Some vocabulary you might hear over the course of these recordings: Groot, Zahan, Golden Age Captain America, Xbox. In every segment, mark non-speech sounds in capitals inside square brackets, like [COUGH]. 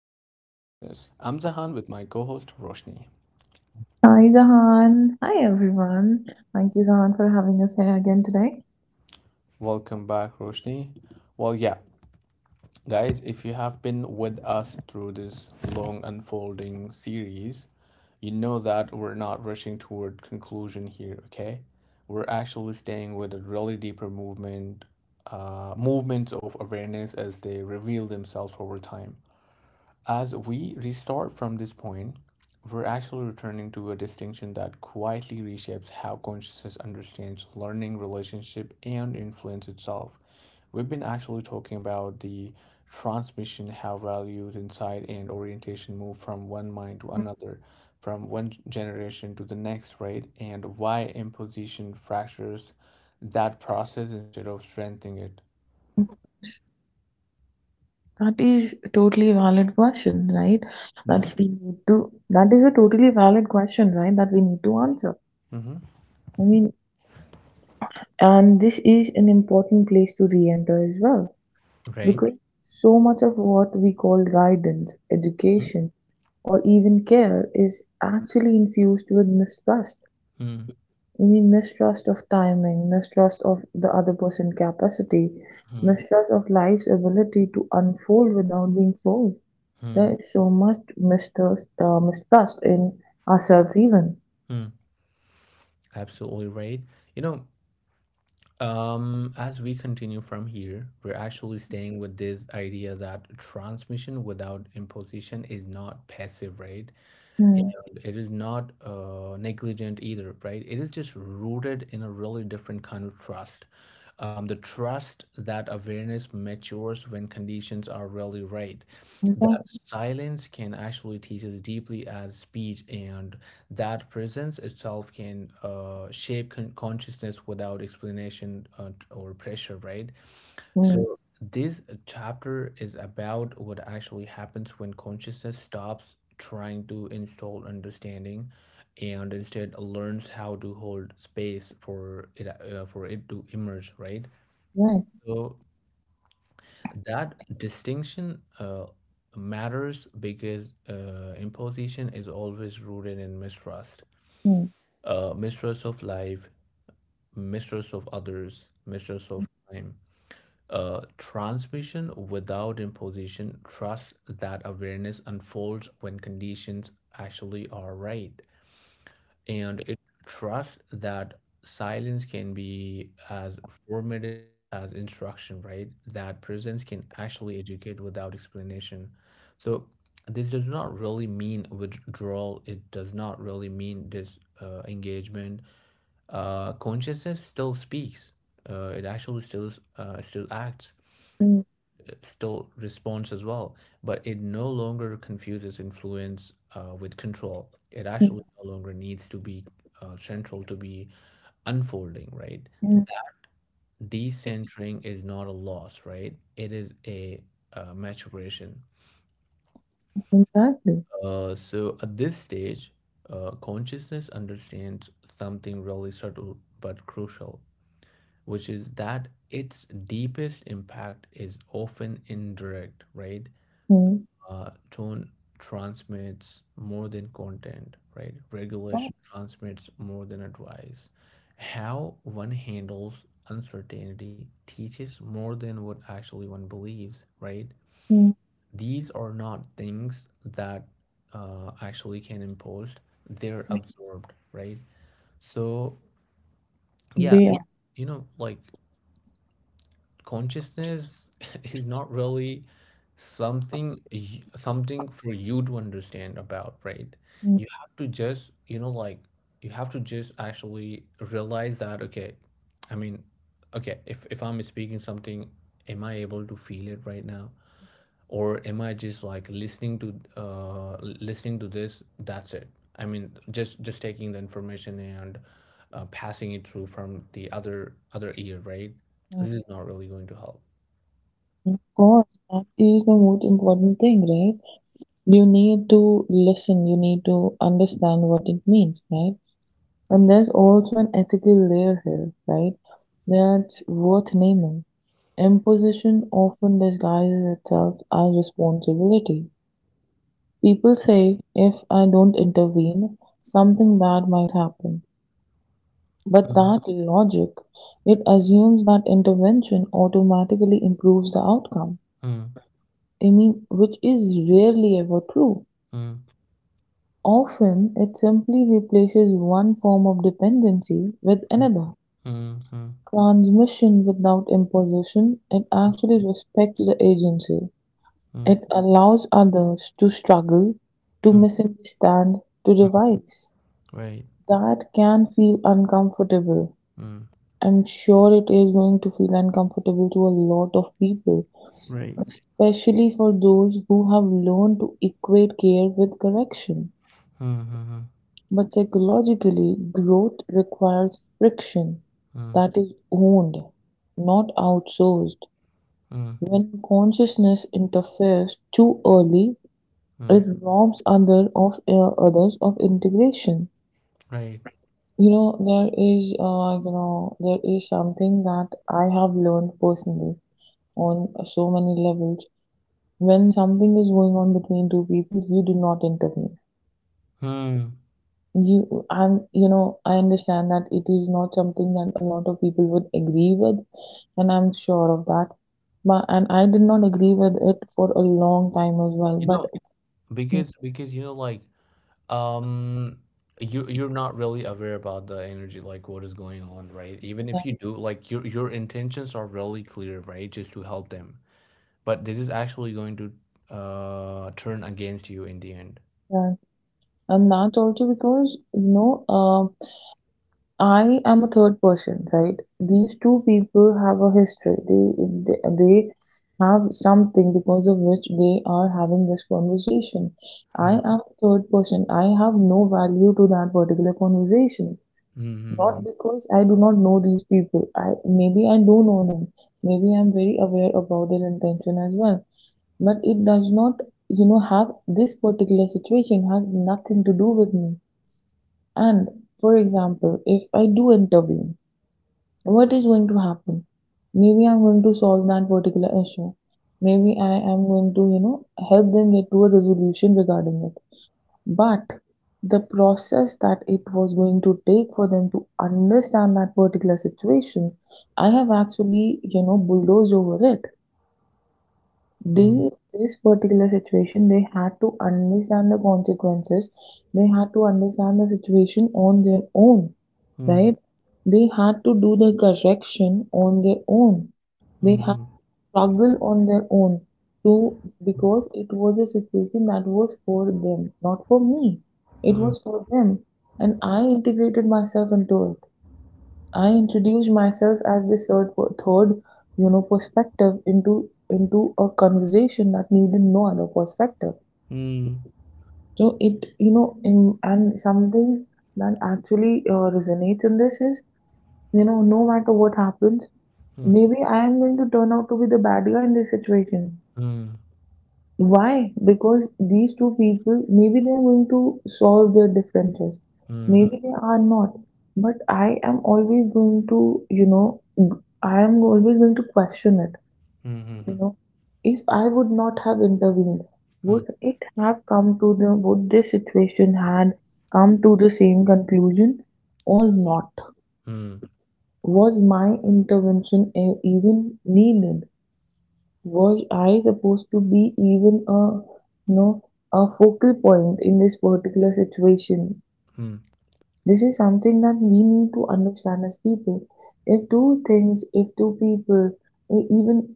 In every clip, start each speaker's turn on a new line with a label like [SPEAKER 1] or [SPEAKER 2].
[SPEAKER 1] listening to Consciousness. I'm Zahan with my co host Roshni.
[SPEAKER 2] Hi Zahan. Hi everyone. Thank you Zahan for having us here again today.
[SPEAKER 1] Welcome back, Roshni. Well, yeah, guys, if you have been with us through this long unfolding series, you know that we're not rushing toward conclusion here, okay? We're actually staying with a really deeper movement, movements of awareness as they reveal themselves over time. As we restart from this point, we're actually returning to a distinction that quietly reshapes how consciousness understands learning, relationship, and influence itself. We've been actually talking about the transmission, how values, insight, and orientation move from one mind to another, from one generation to the next, right? And why imposition fractures that process instead of strengthening it.
[SPEAKER 2] That is a totally valid question, right? That we need to, that is a totally valid question, right? That we need to answer.
[SPEAKER 1] Mm-hmm. Mm-hmm.
[SPEAKER 2] I mean, and this is an important place to re-enter as well,
[SPEAKER 1] Right.
[SPEAKER 2] because so much of what we call guidance, education, or even care is actually infused with mistrust.
[SPEAKER 1] Mm-hmm.
[SPEAKER 2] I mean, mistrust of timing, mistrust of the other person's capacity, mistrust of life's ability to unfold without being forced.
[SPEAKER 1] Mm-hmm.
[SPEAKER 2] There is so much mistrust, mistrust in ourselves even.
[SPEAKER 1] Absolutely right. You know, as we continue from here, we're actually staying with this idea that transmission without imposition is not passive, right?
[SPEAKER 2] Hmm.
[SPEAKER 1] And it is not negligent either, right? It is just rooted in a really different kind of trust. The trust that awareness matures when conditions are really right.
[SPEAKER 2] Exactly.
[SPEAKER 1] That silence can actually teach us deeply as speech, and that presence itself can shape consciousness without explanation or pressure, right?
[SPEAKER 2] Hmm.
[SPEAKER 1] So this chapter is about what actually happens when consciousness stops trying to install understanding and instead learns how to hold space for it to emerge, right?
[SPEAKER 2] Right.
[SPEAKER 1] So that distinction matters because imposition is always rooted in mistrust.
[SPEAKER 2] Hmm.
[SPEAKER 1] Mistrust of life, mistrust of others, mistrust of time. Transmission without imposition trusts that awareness unfolds when conditions actually are right. And it trusts that silence can be as formative as instruction, right? That presence can actually educate without explanation. So, this does not really mean withdrawal. It does not really mean this engagement. Consciousness still speaks. It actually still acts,
[SPEAKER 2] Hmm.
[SPEAKER 1] still response as well, but it no longer confuses influence with control. It actually
[SPEAKER 2] Hmm.
[SPEAKER 1] no longer needs to be central to be unfolding, right?
[SPEAKER 2] Hmm.
[SPEAKER 1] Decentering is not a loss, right? It is a maturation.
[SPEAKER 2] Exactly.
[SPEAKER 1] So at this stage, consciousness understands something really subtle but crucial, which is that its deepest impact is often indirect, right?
[SPEAKER 2] Hmm.
[SPEAKER 1] Uh, tone transmits more than content, right?
[SPEAKER 2] Right.
[SPEAKER 1] Regulation transmits more than advice. How one handles uncertainty teaches more than what actually one believes, right?
[SPEAKER 2] Hmm.
[SPEAKER 1] These are not things that actually can imposed, they're absorbed, right? So, yeah,
[SPEAKER 2] They are.
[SPEAKER 1] you know, like consciousness [LAUGHS] is not really something something for you to understand about, right?
[SPEAKER 2] Hmm.
[SPEAKER 1] You have to just, you know, like you have to just actually realize that okay, I mean, okay, if I'm speaking something, am I able to feel it right now, or am I just like listening to listening to this? That's it. I mean, just taking the information and passing it through from the other ear, right?
[SPEAKER 2] Hmm.
[SPEAKER 1] This is not really going to help.
[SPEAKER 2] Hmm. Of course, that is the most important thing, right? You need to listen, you need to understand what it means, right? And there's also an ethical layer here, right? That's worth naming. Imposition often disguises itself as responsibility. People say if I don't intervene, something bad might happen. But
[SPEAKER 1] Mm.
[SPEAKER 2] that logic, it assumes that intervention automatically improves the outcome.
[SPEAKER 1] Mm.
[SPEAKER 2] I mean, which is rarely ever true.
[SPEAKER 1] Mm.
[SPEAKER 2] Often, it simply replaces one form of dependency with
[SPEAKER 1] Mm.
[SPEAKER 2] another.
[SPEAKER 1] Mm. Mm.
[SPEAKER 2] Transmission without imposition, it actually respects the agency.
[SPEAKER 1] Mm.
[SPEAKER 2] It allows others to struggle, to
[SPEAKER 1] Mm.
[SPEAKER 2] misunderstand, to
[SPEAKER 1] Mm.
[SPEAKER 2] revise.
[SPEAKER 1] Right.
[SPEAKER 2] That can feel uncomfortable.
[SPEAKER 1] Mm.
[SPEAKER 2] I'm sure it is going to feel uncomfortable to a lot of people,
[SPEAKER 1] Right.
[SPEAKER 2] especially for those who have learned to equate care with correction.
[SPEAKER 1] Mm. Mm.
[SPEAKER 2] But psychologically, growth requires friction
[SPEAKER 1] Mm.
[SPEAKER 2] that
[SPEAKER 1] Mm.
[SPEAKER 2] is owned, not outsourced.
[SPEAKER 1] Mm.
[SPEAKER 2] When consciousness interferes too early,
[SPEAKER 1] Mm.
[SPEAKER 2] it robs others of integration.
[SPEAKER 1] Right.
[SPEAKER 2] You know, there is something that I have learned personally on so many levels. When something is going on between two people, you do not intervene.
[SPEAKER 1] Mm.
[SPEAKER 2] You know, I understand that it is not something that a lot of people would agree with, and I'm sure of that. But and I did not agree with it for a long time as well.
[SPEAKER 1] You
[SPEAKER 2] But
[SPEAKER 1] know, because you know, like, um, you you're not really aware about the energy, like what is going on, right? Even if you do, like your intentions are really clear, right? Just to help them, but this is actually going to turn against you in the end.
[SPEAKER 2] [LAUGHS] and that's also because you know, I am a third person, right? These two people have a history. They have something because of which they are having this conversation. I
[SPEAKER 1] Hmm.
[SPEAKER 2] am a third person. I have no value to that particular conversation.
[SPEAKER 1] Hmm. Hmm.
[SPEAKER 2] Not because I do not know these people. I maybe I do know them. Maybe I'm very aware about their intention as well. But it does not, you know, have this particular situation has nothing to do with me. And for example, if I do intervene, what is going to happen? Maybe I'm going to solve that particular issue. Maybe I am going to, you know, help them get to a resolution regarding it. But the process that it was going to take for them to understand that particular situation, I have actually, you know, bulldozed over it.
[SPEAKER 1] Hmm.
[SPEAKER 2] They, this particular situation, they had to understand the consequences. They had to understand the situation on their own,
[SPEAKER 1] Hmm.
[SPEAKER 2] right? They had to do the correction on their own. They had
[SPEAKER 1] Hmm.
[SPEAKER 2] struggled on their own to, because it was a situation that was for them, not for me. It
[SPEAKER 1] Hmm.
[SPEAKER 2] was for them, and I integrated myself into it. I introduced myself as the third, you know, perspective into a conversation that needed no other perspective.
[SPEAKER 1] Hmm. Hmm.
[SPEAKER 2] So it, you know, in, and something that actually resonates in this is, you know, no matter what happens, maybe I am going to turn out to be the bad guy in this situation.
[SPEAKER 1] Hmm. Hmm. Hmm. Hmm.
[SPEAKER 2] Why? Because these two people, maybe they are going to solve their differences.
[SPEAKER 1] Hmm.
[SPEAKER 2] Maybe they are not. But I am always going to, you know, I am always going to question it. You know, if I would not have intervened, would this situation had come to the same conclusion or not? Was my intervention even needed? Was I supposed to be even a, you know, a focal point in this particular situation?
[SPEAKER 1] Hmm.
[SPEAKER 2] This is something that we need to understand as people. If two people, even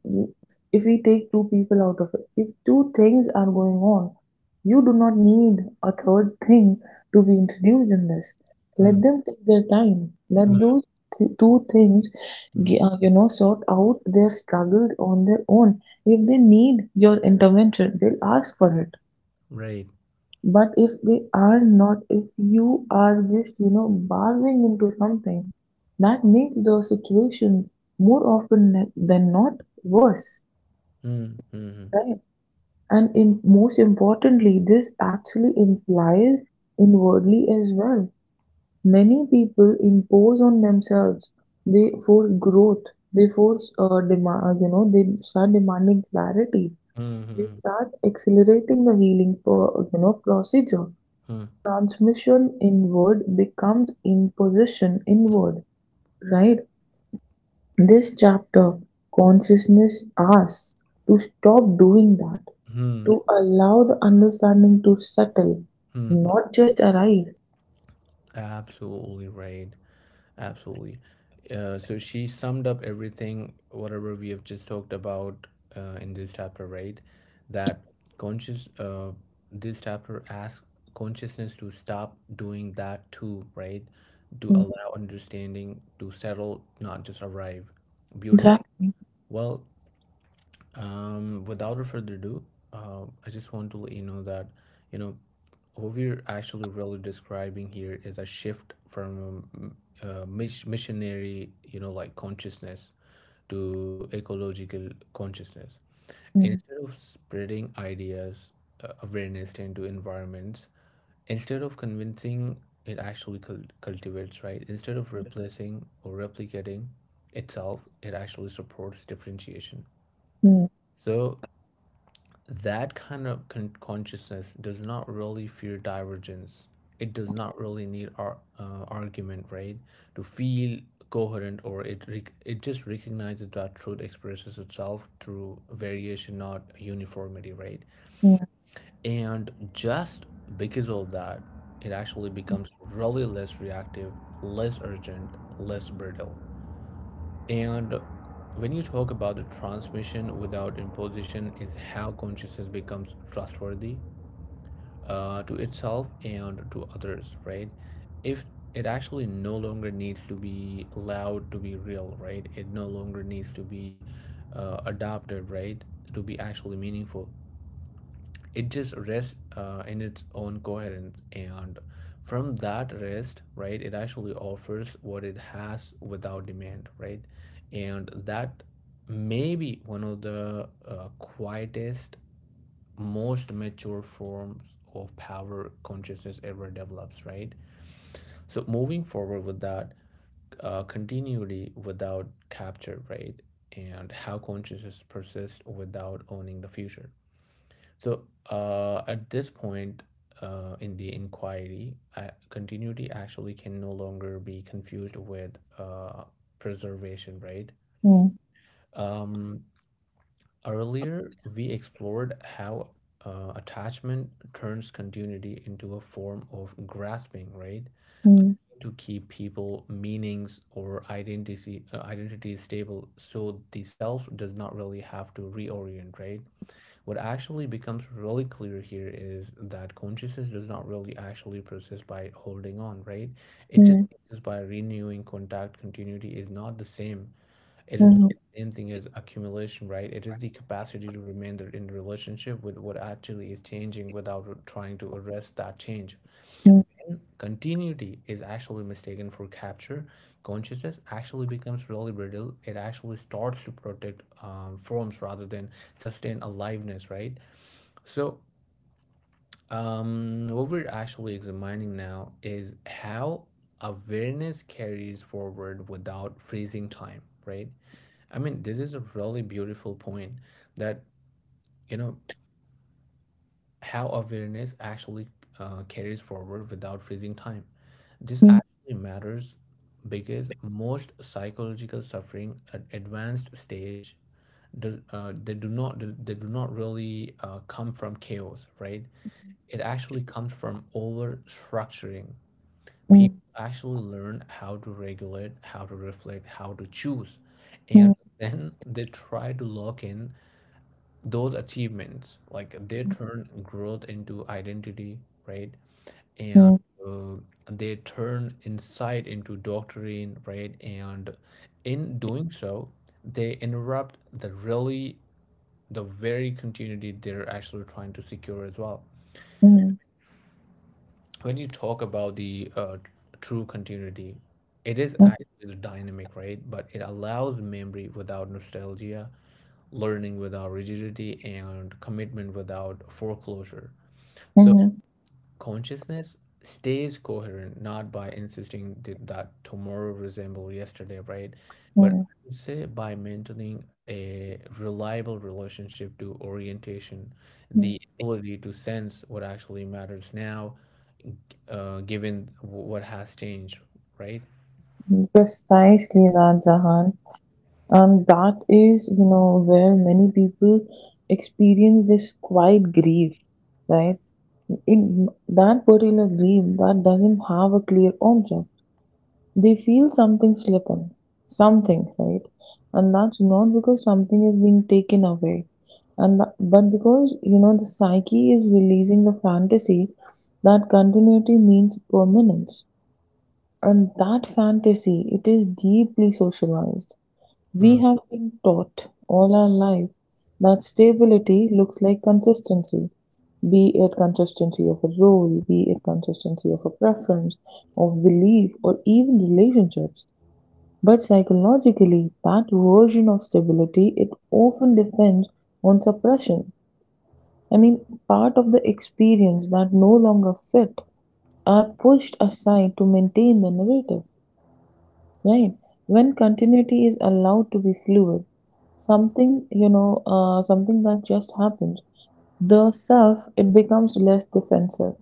[SPEAKER 2] if we take two people out of it, if two things are going on, you do not need a third thing to be introduced in this.
[SPEAKER 1] Hmm.
[SPEAKER 2] Let them take their time. Let
[SPEAKER 1] Hmm.
[SPEAKER 2] those two things,
[SPEAKER 1] Hmm.
[SPEAKER 2] you know, sort out their struggles on their own. If they need your intervention, they'll ask for it.
[SPEAKER 1] Right.
[SPEAKER 2] But if they are not, if you are just, you know, barging into something, that makes the situation more often than not worse,
[SPEAKER 1] Hmm. Hmm.
[SPEAKER 2] right? Most importantly, this actually implies inwardly as well. Many people impose on themselves. They force growth. They you know, they start demanding clarity.
[SPEAKER 1] Hmm.
[SPEAKER 2] They
[SPEAKER 1] Hmm.
[SPEAKER 2] start accelerating the healing, you know, procedure.
[SPEAKER 1] Hmm. Hmm.
[SPEAKER 2] Transmission inward becomes imposition inward. Right? This chapter, consciousness, us to stop doing that,
[SPEAKER 1] Hmm.
[SPEAKER 2] to allow the understanding to settle,
[SPEAKER 1] Hmm.
[SPEAKER 2] not just arrive.
[SPEAKER 1] Absolutely right. Absolutely. So she summed up everything, whatever we have just talked about in this chapter, right? That conscious, uh, this chapter asks consciousness to stop doing that too, right? To
[SPEAKER 2] Mm.
[SPEAKER 1] allow understanding to settle, not just arrive. Beautiful.
[SPEAKER 2] Exactly.
[SPEAKER 1] Well, without a further ado, I just want to let you know that, you know, what we're actually really describing here is a shift from missionary, you know, like consciousness to ecological consciousness.
[SPEAKER 2] Mm,
[SPEAKER 1] Instead of spreading ideas, awareness into environments, instead of convincing, it actually cultivates, right? Instead of replacing or replicating itself, it actually supports differentiation.
[SPEAKER 2] mm,
[SPEAKER 1] So that kind of consciousness does not really fear divergence. It does not really need argument, right? To feel coherent, or it it just recognizes that truth expresses itself through variation, not uniformity, right?
[SPEAKER 2] mm,
[SPEAKER 1] And just because of that, it actually becomes really less reactive, less urgent, less brittle. And when you talk about the transmission without imposition is how consciousness becomes trustworthy to itself and to others, right? If it actually no longer needs to be allowed to be real, right? It no longer needs to be adopted, right? To be actually meaningful. It just rests in its own coherence. And from that rest, right, it actually offers what it has without demand, right? And that may be one of the quietest, most mature forms of power consciousness ever develops, right? So moving forward with that continuity without capture, right? And how consciousness persists without owning the future. So at this point in the inquiry, continuity actually can no longer be confused with uh, preservation, right?
[SPEAKER 2] mm,
[SPEAKER 1] Um, earlier, we explored how attachment turns continuity into a form of grasping, right?
[SPEAKER 2] mm,
[SPEAKER 1] To keep people, meanings, or identity stable. So the self does not really have to reorient, right? What actually becomes really clear here is that consciousness does not really actually persist by holding on, right?
[SPEAKER 2] mm,
[SPEAKER 1] It just
[SPEAKER 2] mm,
[SPEAKER 1] persists by renewing contact. Continuity is not the same. It is not the same thing as accumulation, right? It is the capacity to remain in relationship with what actually is changing without trying to arrest that change.
[SPEAKER 2] mm,
[SPEAKER 1] And continuity is actually mistaken for capture. Consciousness actually becomes really brittle. It actually starts to protect forms rather than sustain aliveness, right? So, what we're actually examining now is how awareness carries forward without freezing time, right? I mean, this is a really beautiful point that, you know, how awareness actually carries forward without freezing time. This
[SPEAKER 2] mm, mm,
[SPEAKER 1] actually matters because most psychological suffering at advanced stage they do not, they do not really come from chaos, right? It actually comes from over structuring.
[SPEAKER 2] mm,
[SPEAKER 1] People actually learn how to regulate, how to reflect, how to choose,
[SPEAKER 2] mm,
[SPEAKER 1] and
[SPEAKER 2] mm,
[SPEAKER 1] then they try to lock in those achievements, like they turn growth into identity, right?
[SPEAKER 2] mm,
[SPEAKER 1] And uh, they turn insight into doctrine, right? And in doing so they interrupt the really the very continuity they're actually trying to secure as well.
[SPEAKER 2] mm,
[SPEAKER 1] When you talk about the true continuity, it is
[SPEAKER 2] mm.
[SPEAKER 1] actually the dynamic, right? But it allows memory without nostalgia, learning without rigidity, and commitment without foreclosure. So
[SPEAKER 2] Mhm,
[SPEAKER 1] consciousness stays coherent not by insisting that tomorrow resemble yesterday, right? But
[SPEAKER 2] mhm,
[SPEAKER 1] I would say by maintaining a reliable relationship to orientation, the
[SPEAKER 2] mhm.
[SPEAKER 1] ability to sense what actually matters now, given what has changed, right?
[SPEAKER 2] Precisely that, Jahan. That is, you know, where many people experience this quiet grief, right? In that particular grief that doesn't have a clear object. They feel something slipping, something, right? And that's not because something is being taken away, but because, you know, the psyche is releasing the fantasy that continuity means permanence. And that fantasy, it is deeply socialized. We
[SPEAKER 1] Mm.
[SPEAKER 2] have been taught all our life that stability looks like consistency, be it consistency of a role, be it consistency of a preference, of belief, or even relationships. But psychologically, that version of stability, it often depends on suppression. I mean, part of the experience that no longer fit are pushed aside to maintain the narrative. Right, when continuity is allowed to be fluid, something, you know, something that just happened, the self, it becomes less defensive.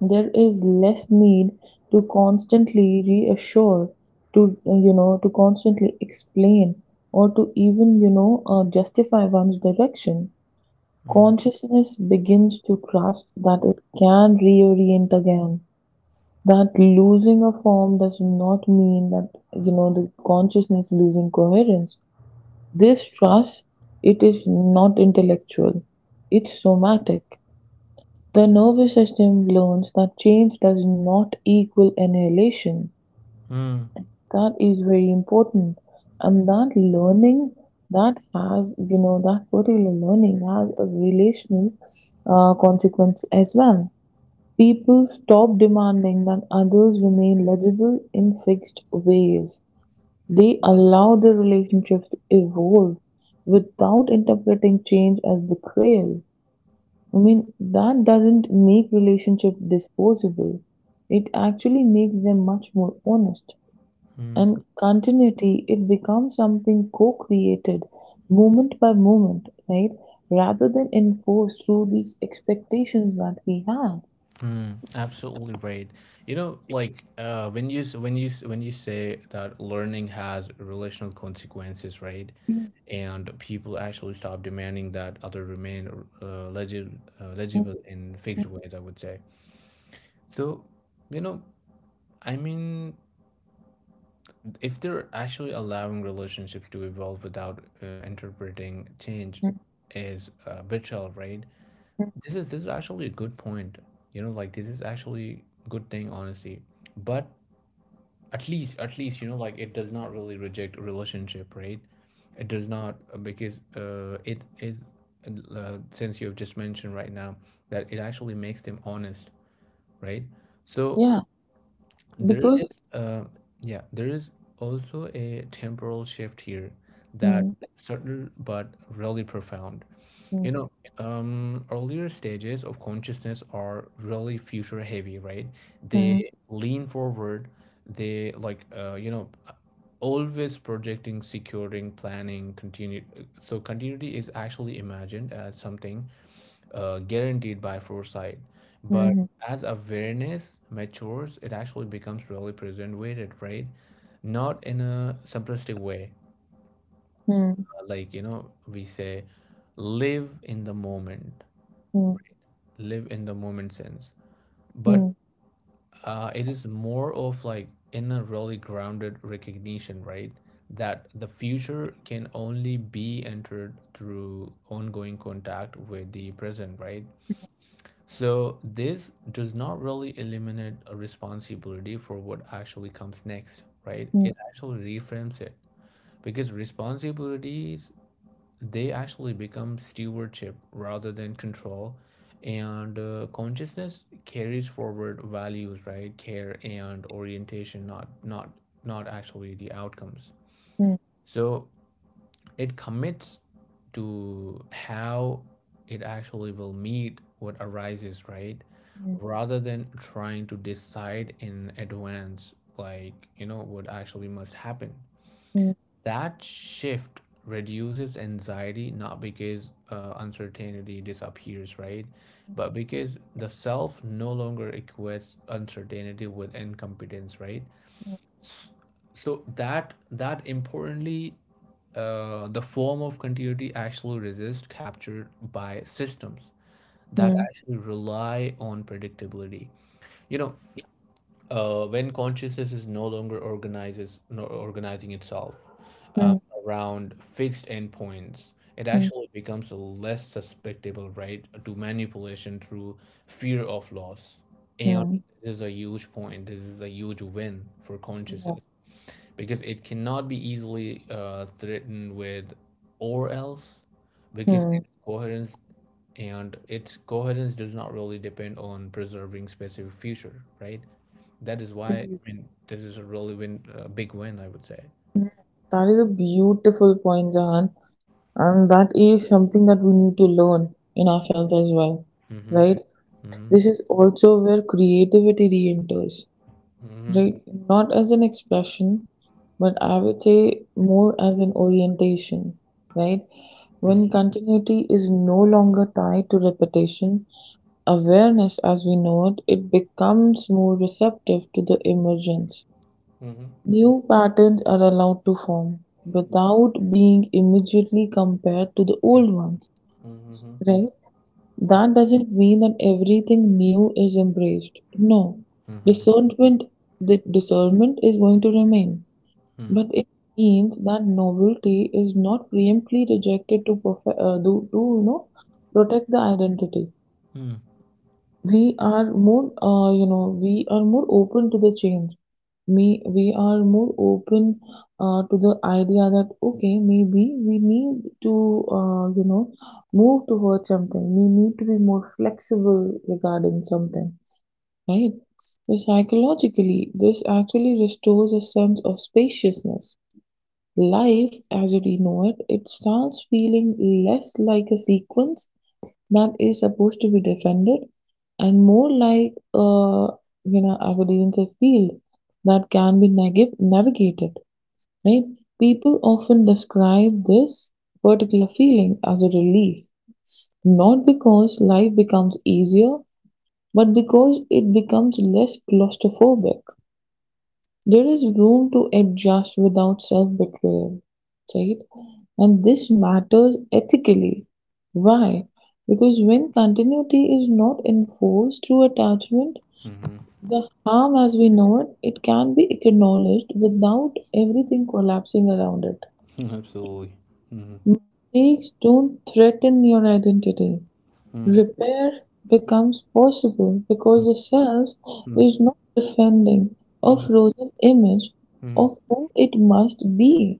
[SPEAKER 2] There is less need to constantly reassure, to, you know, to constantly explain, or to even, you know, justify one's direction.
[SPEAKER 1] Mm.
[SPEAKER 2] Consciousness begins to trust that it can reorient again, that losing a form does not mean that, you know, the consciousness losing coherence. This trust, it is not intellectual, it's somatic. The nervous system learns that change does not equal annihilation.
[SPEAKER 1] Mm.
[SPEAKER 2] That is very important. And that learning, that has, you know, that particular learning has a relational consequence as well. People stop demanding that others remain legible in fixed ways. They allow their relationships to evolve without interpreting change as betrayal. I mean, that doesn't make relationship disposable. It actually makes them much more honest.
[SPEAKER 1] Mm.
[SPEAKER 2] And continuity, it becomes something co-created moment by moment, right? Rather than enforced through these expectations that we have.
[SPEAKER 1] Mm, absolutely right. You know, like when you say that learning has relational consequences, right? And people actually stop demanding that other remain legible in fixed ways, I would say. So, you know, I mean, if they're actually allowing relationships to evolve without interpreting change,
[SPEAKER 2] Mhm.
[SPEAKER 1] is betrayal, right? This is actually a good point, you know, like this is actually good thing, honestly. But at least, you know, like it does not really reject a relationship, right? It does not because it is since you have just mentioned right now that it actually makes them honest, right? So
[SPEAKER 2] Yeah,
[SPEAKER 1] there
[SPEAKER 2] because
[SPEAKER 1] is yeah there is also a temporal shift here that
[SPEAKER 2] mm,
[SPEAKER 1] subtle but really profound.
[SPEAKER 2] mm,
[SPEAKER 1] You know, earlier stages of consciousness are really future heavy, right?
[SPEAKER 2] mm,
[SPEAKER 1] They lean forward, they like, you know, always projecting, securing, planning, continue. So continuity is actually imagined as something guaranteed by foresight. But
[SPEAKER 2] mhm,
[SPEAKER 1] as awareness matures, it actually becomes really present with, right? Not in a simplistic way,
[SPEAKER 2] mm,
[SPEAKER 1] like, you know, we say, live in the moment
[SPEAKER 2] mm,
[SPEAKER 1] live in the moment sense, but
[SPEAKER 2] mm,
[SPEAKER 1] it is more of like in a really grounded recognition, right? That the future can only be entered through ongoing contact with the present, right? So this does not really eliminate a responsibility for what actually comes next, right?
[SPEAKER 2] mm,
[SPEAKER 1] It actually reframes it because responsibilities, they actually become stewardship rather than control. And consciousness carries forward values, right, care and orientation, not actually the outcomes. So it commits to how it actually will meet what arises, right,
[SPEAKER 2] mm,
[SPEAKER 1] rather than trying to decide in advance like, you know, what actually must happen.
[SPEAKER 2] mm, mm,
[SPEAKER 1] That shift reduces anxiety not because uncertainty disappears, right, but because the self no longer equates uncertainty with incompetence, right? So that that importantly, the form of continuity actually resists captured by systems that
[SPEAKER 2] mm,
[SPEAKER 1] actually rely on predictability. You know, when consciousness is no longer organizes no, organizing itself, um,
[SPEAKER 2] mm,
[SPEAKER 1] around fixed endpoints, it
[SPEAKER 2] mm,
[SPEAKER 1] actually becomes less susceptible, right, to manipulation through fear of loss. And
[SPEAKER 2] mm,
[SPEAKER 1] this is a huge point. This is a huge win for
[SPEAKER 2] yeah,
[SPEAKER 1] consciousness because it cannot be easily threatened with or else, because its
[SPEAKER 2] mm.
[SPEAKER 1] coherence, and its coherence, does not really depend on preserving specific future, right? That is why, I mean, this is a really win, a big win, I would say.
[SPEAKER 2] Mm. That is a beautiful point, Jahan, and that is something that we need to learn in ourselves as well,
[SPEAKER 1] Mm-hmm.
[SPEAKER 2] right? This is also where creativity re-enters.
[SPEAKER 1] Mm-hmm.
[SPEAKER 2] Right, not as an expression, but I would say more as an orientation, right? When
[SPEAKER 1] Mm-hmm.
[SPEAKER 2] continuity is no longer tied to repetition, awareness as we know it, it becomes more receptive to the emergence.
[SPEAKER 1] Mm-hmm.
[SPEAKER 2] New patterns are allowed to form without being immediately compared to the old ones,
[SPEAKER 1] Mm-hmm.
[SPEAKER 2] right? That doesn't mean that everything new is embraced. No.
[SPEAKER 1] Mm-hmm.
[SPEAKER 2] Discernment, the discernment is going to remain, but
[SPEAKER 1] Mm-hmm.
[SPEAKER 2] it means that novelty is not preemptively rejected to you know, protect the identity. We are more, you know, we are more open to the change. Me we are more open to the idea that okay, maybe we need to, you know, move towards something. We need to be more flexible regarding something, right? So psychologically, this actually restores a sense of spaciousness. Life as we know it, it starts feeling less like a sequence that is supposed to be defended and more like, you know, I would even say field that can be navigated, right? People often describe this particular feeling as a relief, not because life becomes easier, but because it becomes less claustrophobic. There is room to adjust without self-betrayal, right? And this matters ethically. Why? Because when continuity is not enforced through attachment,
[SPEAKER 1] Mm-hmm.
[SPEAKER 2] the harm as we know it, it can be acknowledged without everything collapsing around it.
[SPEAKER 1] Mm-hmm. Absolutely. Mm-hmm.
[SPEAKER 2] Mistakes don't threaten your identity.
[SPEAKER 1] Mm-hmm.
[SPEAKER 2] Repair becomes possible because the self is not defending a
[SPEAKER 1] Mm-hmm.
[SPEAKER 2] frozen image
[SPEAKER 1] Mm-hmm.
[SPEAKER 2] of who it must be.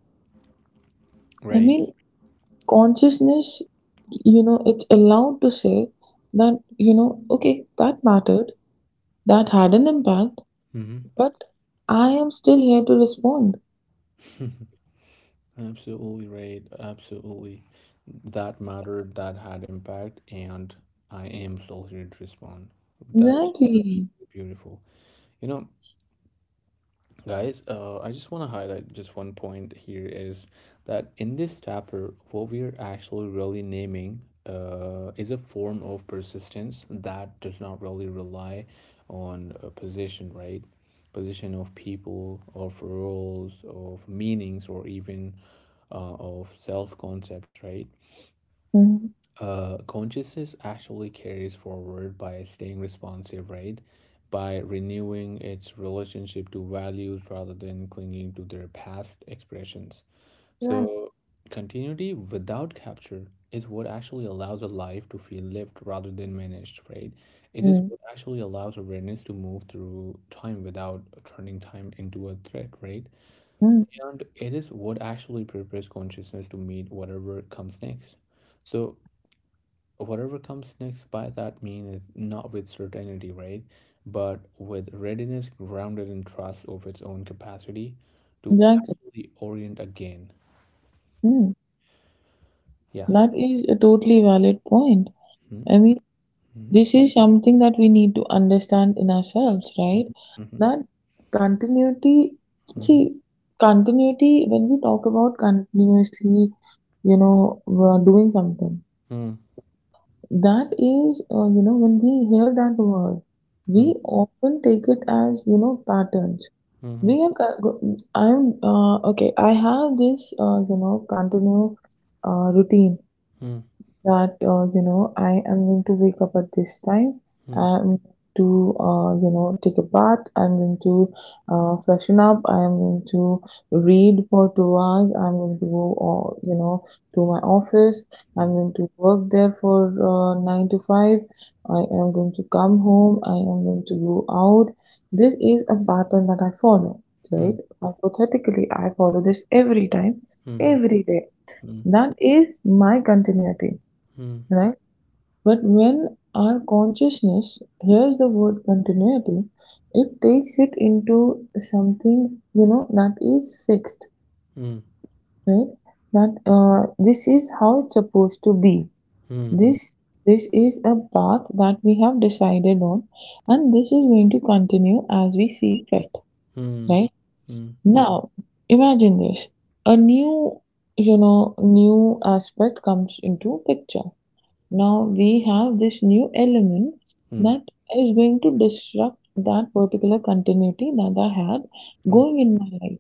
[SPEAKER 2] I
[SPEAKER 1] Right.
[SPEAKER 2] mean, consciousness, you know, it's allowed to say that, you know, okay, that mattered, that had an impact,
[SPEAKER 1] Mm-hmm.
[SPEAKER 2] but I am still here to respond.
[SPEAKER 1] [LAUGHS] Absolutely right. Absolutely. That mattered, that had impact, and I am still here to respond. That is
[SPEAKER 2] Exactly.
[SPEAKER 1] really beautiful. You know, guys, I just want to highlight just one point here is that in this chapter, what we are actually really naming is a form of persistence that does not really rely on a position, right? Position of people, of roles, of meanings, or even of self concepts, right?
[SPEAKER 2] Mm.
[SPEAKER 1] Consciousness actually carries forward by staying responsive, right? By renewing its relationship to values rather than clinging to their past expressions.
[SPEAKER 2] Right.
[SPEAKER 1] So, continuity without capture is what actually allows a life to feel lived rather than managed, right? It is
[SPEAKER 2] Mm,
[SPEAKER 1] what actually allows awareness to move through time without turning time into a threat, right?
[SPEAKER 2] mm.
[SPEAKER 1] And it is what actually prepares consciousness to meet whatever comes next. So, whatever comes next by that mean is not with certainty, right? But with readiness grounded in trust of its own capacity to
[SPEAKER 2] Exactly.
[SPEAKER 1] actually orient again.
[SPEAKER 2] Mm.
[SPEAKER 1] Yeah.
[SPEAKER 2] That is a totally valid point.
[SPEAKER 1] Mm-hmm.
[SPEAKER 2] I mean,
[SPEAKER 1] Mm-hmm.
[SPEAKER 2] this is something that we need to understand in ourselves, right?
[SPEAKER 1] Mm-hmm.
[SPEAKER 2] That continuity,
[SPEAKER 1] Mm-hmm.
[SPEAKER 2] see, continuity, when we talk about continuously, we're doing something,
[SPEAKER 1] Mm-hmm.
[SPEAKER 2] that is, when we hear that word, we often take it as, patterns.
[SPEAKER 1] Mm-hmm. Mm-hmm.
[SPEAKER 2] We have, co- go- I'm, okay, I have this, continuous routine, that I am going to wake up at this time. I'm going to take a bath. I'm going to freshen up. I'm going to read for 2 hours. I'm going to go to my office. I'm going to work there for 9 to 5. I am going to come home. I am going to go out. This is a pattern that I follow.
[SPEAKER 1] Mm-hmm. Mm-hmm. Mm-hmm.
[SPEAKER 2] Right? Hypothetically, I follow this every time,
[SPEAKER 1] Mm-hmm.
[SPEAKER 2] every day. That is my continuity, right? But when our consciousness hears the word continuity, it takes it into something, that is fixed,
[SPEAKER 1] Mm-hmm.
[SPEAKER 2] right? That This is how it's supposed to be. This this is a path that we have decided on, and this is going to continue as we see fit, right? Now, imagine this. A new aspect comes into picture. Now we have this new element that is going to disrupt that particular continuity that I had
[SPEAKER 1] Mm-hmm.
[SPEAKER 2] going in my life.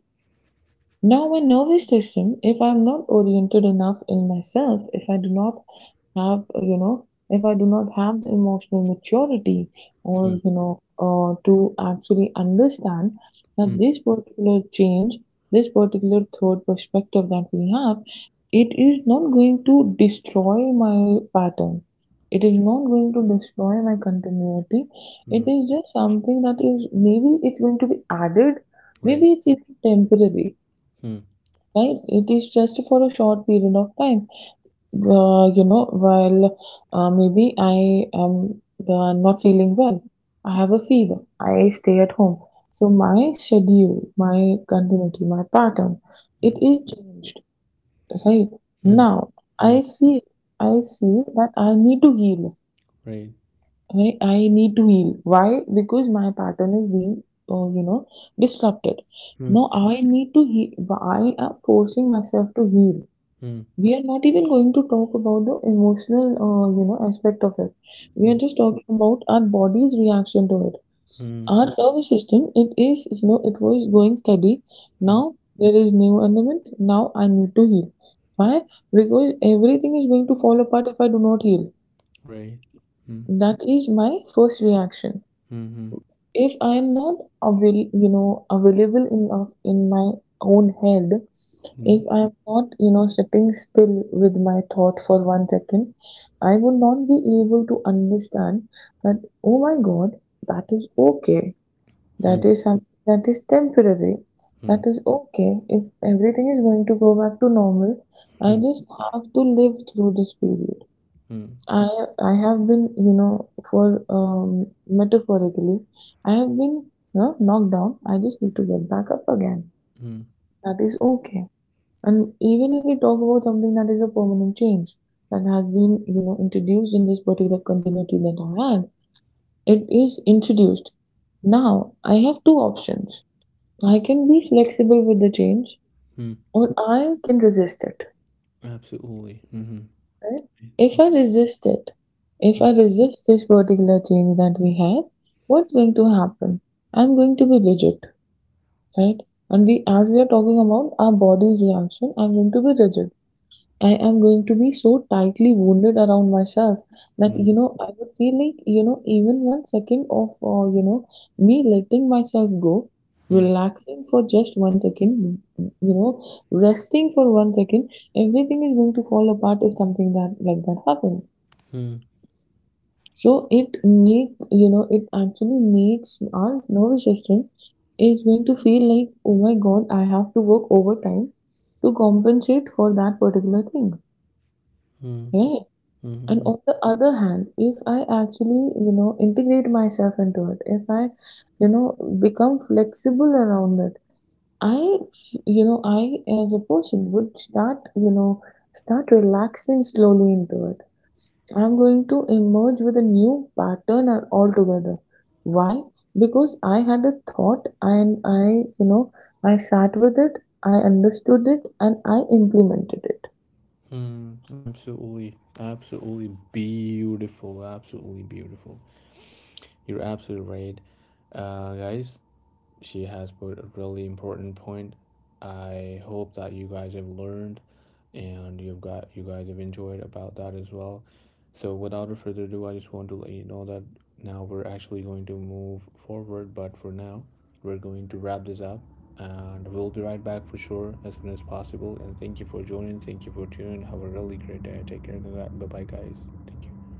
[SPEAKER 2] Now my nervous system, if I'm not oriented enough in myself, if I do not have the emotional maturity, or, to actually understand that
[SPEAKER 1] Mm-hmm.
[SPEAKER 2] this particular change, this particular third perspective that we have, it is not going to destroy my pattern. It is not going to destroy my continuity. It
[SPEAKER 1] Mm-hmm.
[SPEAKER 2] is just something that is maybe it's going to be added,
[SPEAKER 1] Right.
[SPEAKER 2] maybe it's even temporary, right? It is just for a short period of time. While maybe I am not feeling well, I have a fever, I stay at home. So my schedule, my continuity, my pattern, it
[SPEAKER 1] Mm-hmm.
[SPEAKER 2] is changed, right? Now
[SPEAKER 1] Mm-hmm.
[SPEAKER 2] I feel, I feel that I need to heal,
[SPEAKER 1] Right.
[SPEAKER 2] right? I need to heal. Why? Because my pattern is being, uh, you know, disrupted. Now I need to heal. I am forcing myself to heal.
[SPEAKER 1] Mm-hmm.
[SPEAKER 2] We are not even going to talk about the emotional, aspect of it. We are just talking about our body's reaction to it.
[SPEAKER 1] Mm-hmm.
[SPEAKER 2] Our nervous system, it is, you know, it was going steady. Now there is new element. Now I need to heal. Why? Because everything is going to fall apart if I do not heal.
[SPEAKER 1] Right. Mm.
[SPEAKER 2] That is my first reaction.
[SPEAKER 1] Mhm.
[SPEAKER 2] If I am not available enough in my own head,
[SPEAKER 1] Mm.
[SPEAKER 2] if I am not, sitting still with my thought for one second, I would not be able to understand that, oh my God, that is okay.
[SPEAKER 1] Mm.
[SPEAKER 2] That is something that is temporary. That
[SPEAKER 1] Mm.
[SPEAKER 2] is okay. If everything is going to go back to normal, I
[SPEAKER 1] Mm.
[SPEAKER 2] just have to live through this period.
[SPEAKER 1] Mm.
[SPEAKER 2] I I have been, you know, for metaphorically, I have been, you know, knocked down. I just need to get back up again.
[SPEAKER 1] Mm.
[SPEAKER 2] That is okay. And even if we talk about something that is a permanent change that has been, introduced in this particular continuity that I had, it is introduced. Now I have two options. I can be flexible with the change,
[SPEAKER 1] Mm.
[SPEAKER 2] or I can resist it.
[SPEAKER 1] Absolutely. Mhm.
[SPEAKER 2] Right? If I resist it, if I resist this particular change that we have, what's going to happen? I'm going to be rigid, right? And we, as we are talking about our body's reaction, I'm going to be rigid. I am going to be so tightly wounded around myself that
[SPEAKER 1] Mm. Mm.
[SPEAKER 2] I would feel like even one second of me letting myself go,
[SPEAKER 1] Mm.
[SPEAKER 2] relaxing for just one second, resting for one second, everything is going to fall apart if something that like that happens.
[SPEAKER 1] Mm.
[SPEAKER 2] So it actually makes our nervous system is going to feel like, oh my God, I have to work overtime to compensate for that particular thing,
[SPEAKER 1] Mm.
[SPEAKER 2] right? And
[SPEAKER 1] Mm.
[SPEAKER 2] on the other hand, if I actually integrate myself into it, if I become flexible around it, I you know I as a person would start you know start relaxing slowly into it. I'm going to emerge with a new pattern altogether. Why? Because I had a thought and I sat with it, I understood it, and I implemented it.
[SPEAKER 1] Mm. Absolutely. Absolutely beautiful. Absolutely beautiful. You're absolutely right. Guys, she has put a really important point. I hope that you guys have learned and you guys have enjoyed about that as well. So without further ado, I just want to let you know that now we're actually going to move forward, but for now, we're going to wrap this up and we'll be right back for sure as soon as possible. And thank you for joining, thank you for tuning. Have a really great day. Take care. Bye bye guys. Thank you.